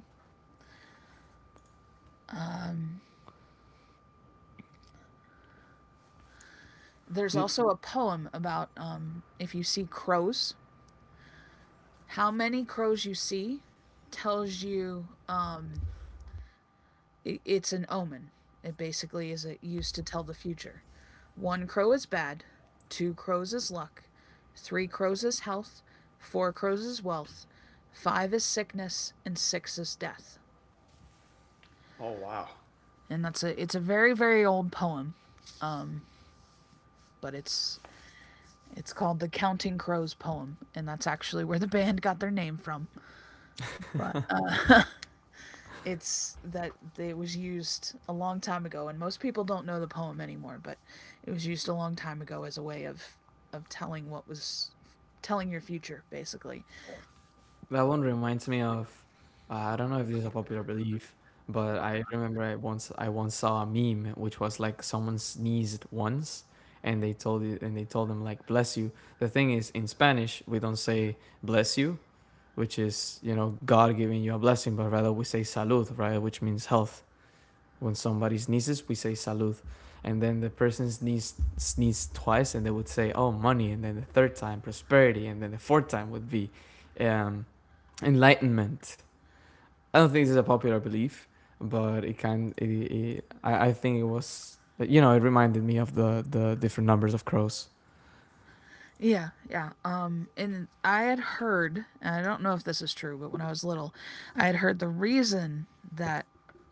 Speaker 1: There's also a poem about, if you see crows, how many crows you see tells you, it's an omen. It basically is a, used to tell the future. One crow is bad, two crows is luck, three crows is health, four crows is wealth, five is sickness, and six is death. And that's a it's a very, very old poem, but it's called the Counting Crows poem, and that's actually where the band got their name from. But it's that it was used a long time ago, and most people don't know the poem anymore, but it was used a long time ago as a way of telling what was telling your future basically.
Speaker 2: That one reminds me of I don't know if this is a popular belief, but I remember I once saw a meme which was like someone sneezed once, and they told them like bless you. The thing is, in Spanish we don't say bless you, which is, you know, God giving you a blessing, but rather we say salud, right, which means health. When somebody sneezes, we say salud. And then the person sneezed twice and they would say, "Oh, money." And then the third time, prosperity, and then the fourth time would be um enlightenment. I don't think this is a popular belief, but it can. I think it was. You know, it reminded me of the different numbers of crows.
Speaker 1: Yeah, yeah. And I had heard, and I don't know if this is true, but when I was little, I had heard the reason that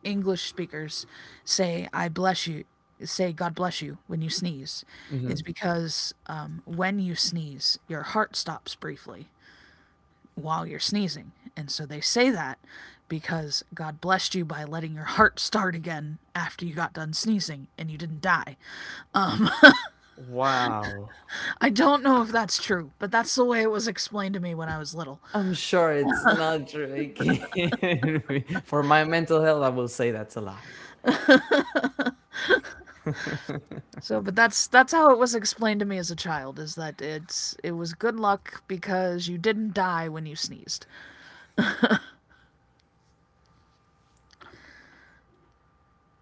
Speaker 1: English speakers say i bless you say God bless you when you sneeze is because, when you sneeze your heart stops briefly while you're sneezing. And so they say that because God blessed you by letting your heart start again after you got done sneezing and you didn't die.
Speaker 2: Wow.
Speaker 1: I don't know if that's true, but that's the way it was explained to me when I was little.
Speaker 2: I'm sure it's not true. It can't, [laughs] for my mental health, I will say that's a lie.
Speaker 1: So, but that's how it was explained to me as a child, is that it's, it was good luck because you didn't die when you sneezed.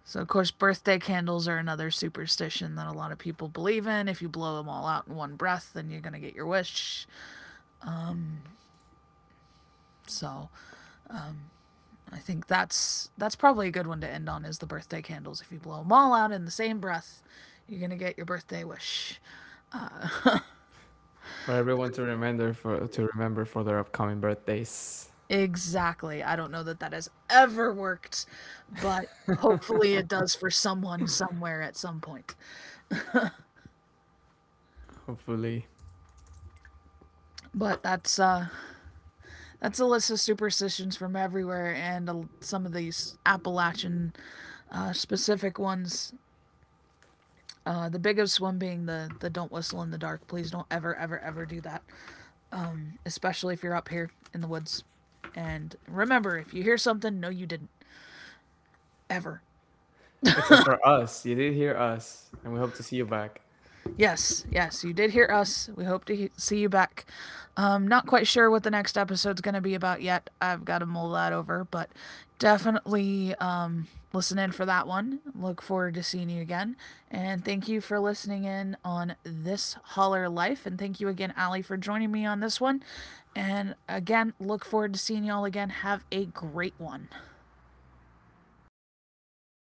Speaker 1: So, of course, birthday candles are another superstition that a lot of people believe in. If you blow them all out in one breath, then you're going to get your wish. So, I think that's probably a good one to end on, is the birthday candles. If you blow them all out in the same breath, you're gonna get your birthday wish.
Speaker 2: For everyone to remember, for their upcoming birthdays,
Speaker 1: Exactly. I don't know that that has ever worked, but hopefully it does for someone somewhere at some point.
Speaker 2: hopefully.
Speaker 1: But that's that's a list of superstitions from everywhere, and a, some of these Appalachian specific ones. The biggest one being the don't whistle in the dark. Please don't ever, ever, ever do that, especially if you're up here in the woods. And remember, if you hear something, no, you didn't. Ever.
Speaker 2: Except for us, you did hear us, and we hope to see you back.
Speaker 1: Yes, yes, you did hear us. We hope to see you back. Not quite sure what the next episode's going to be about yet. I've got to mull that over, but definitely, listen in for that one. Look forward to seeing you again. And thank you for listening in on this Holler Life. And thank you again, Allie, for joining me on this one. And again, look forward to seeing y'all again. Have a great one.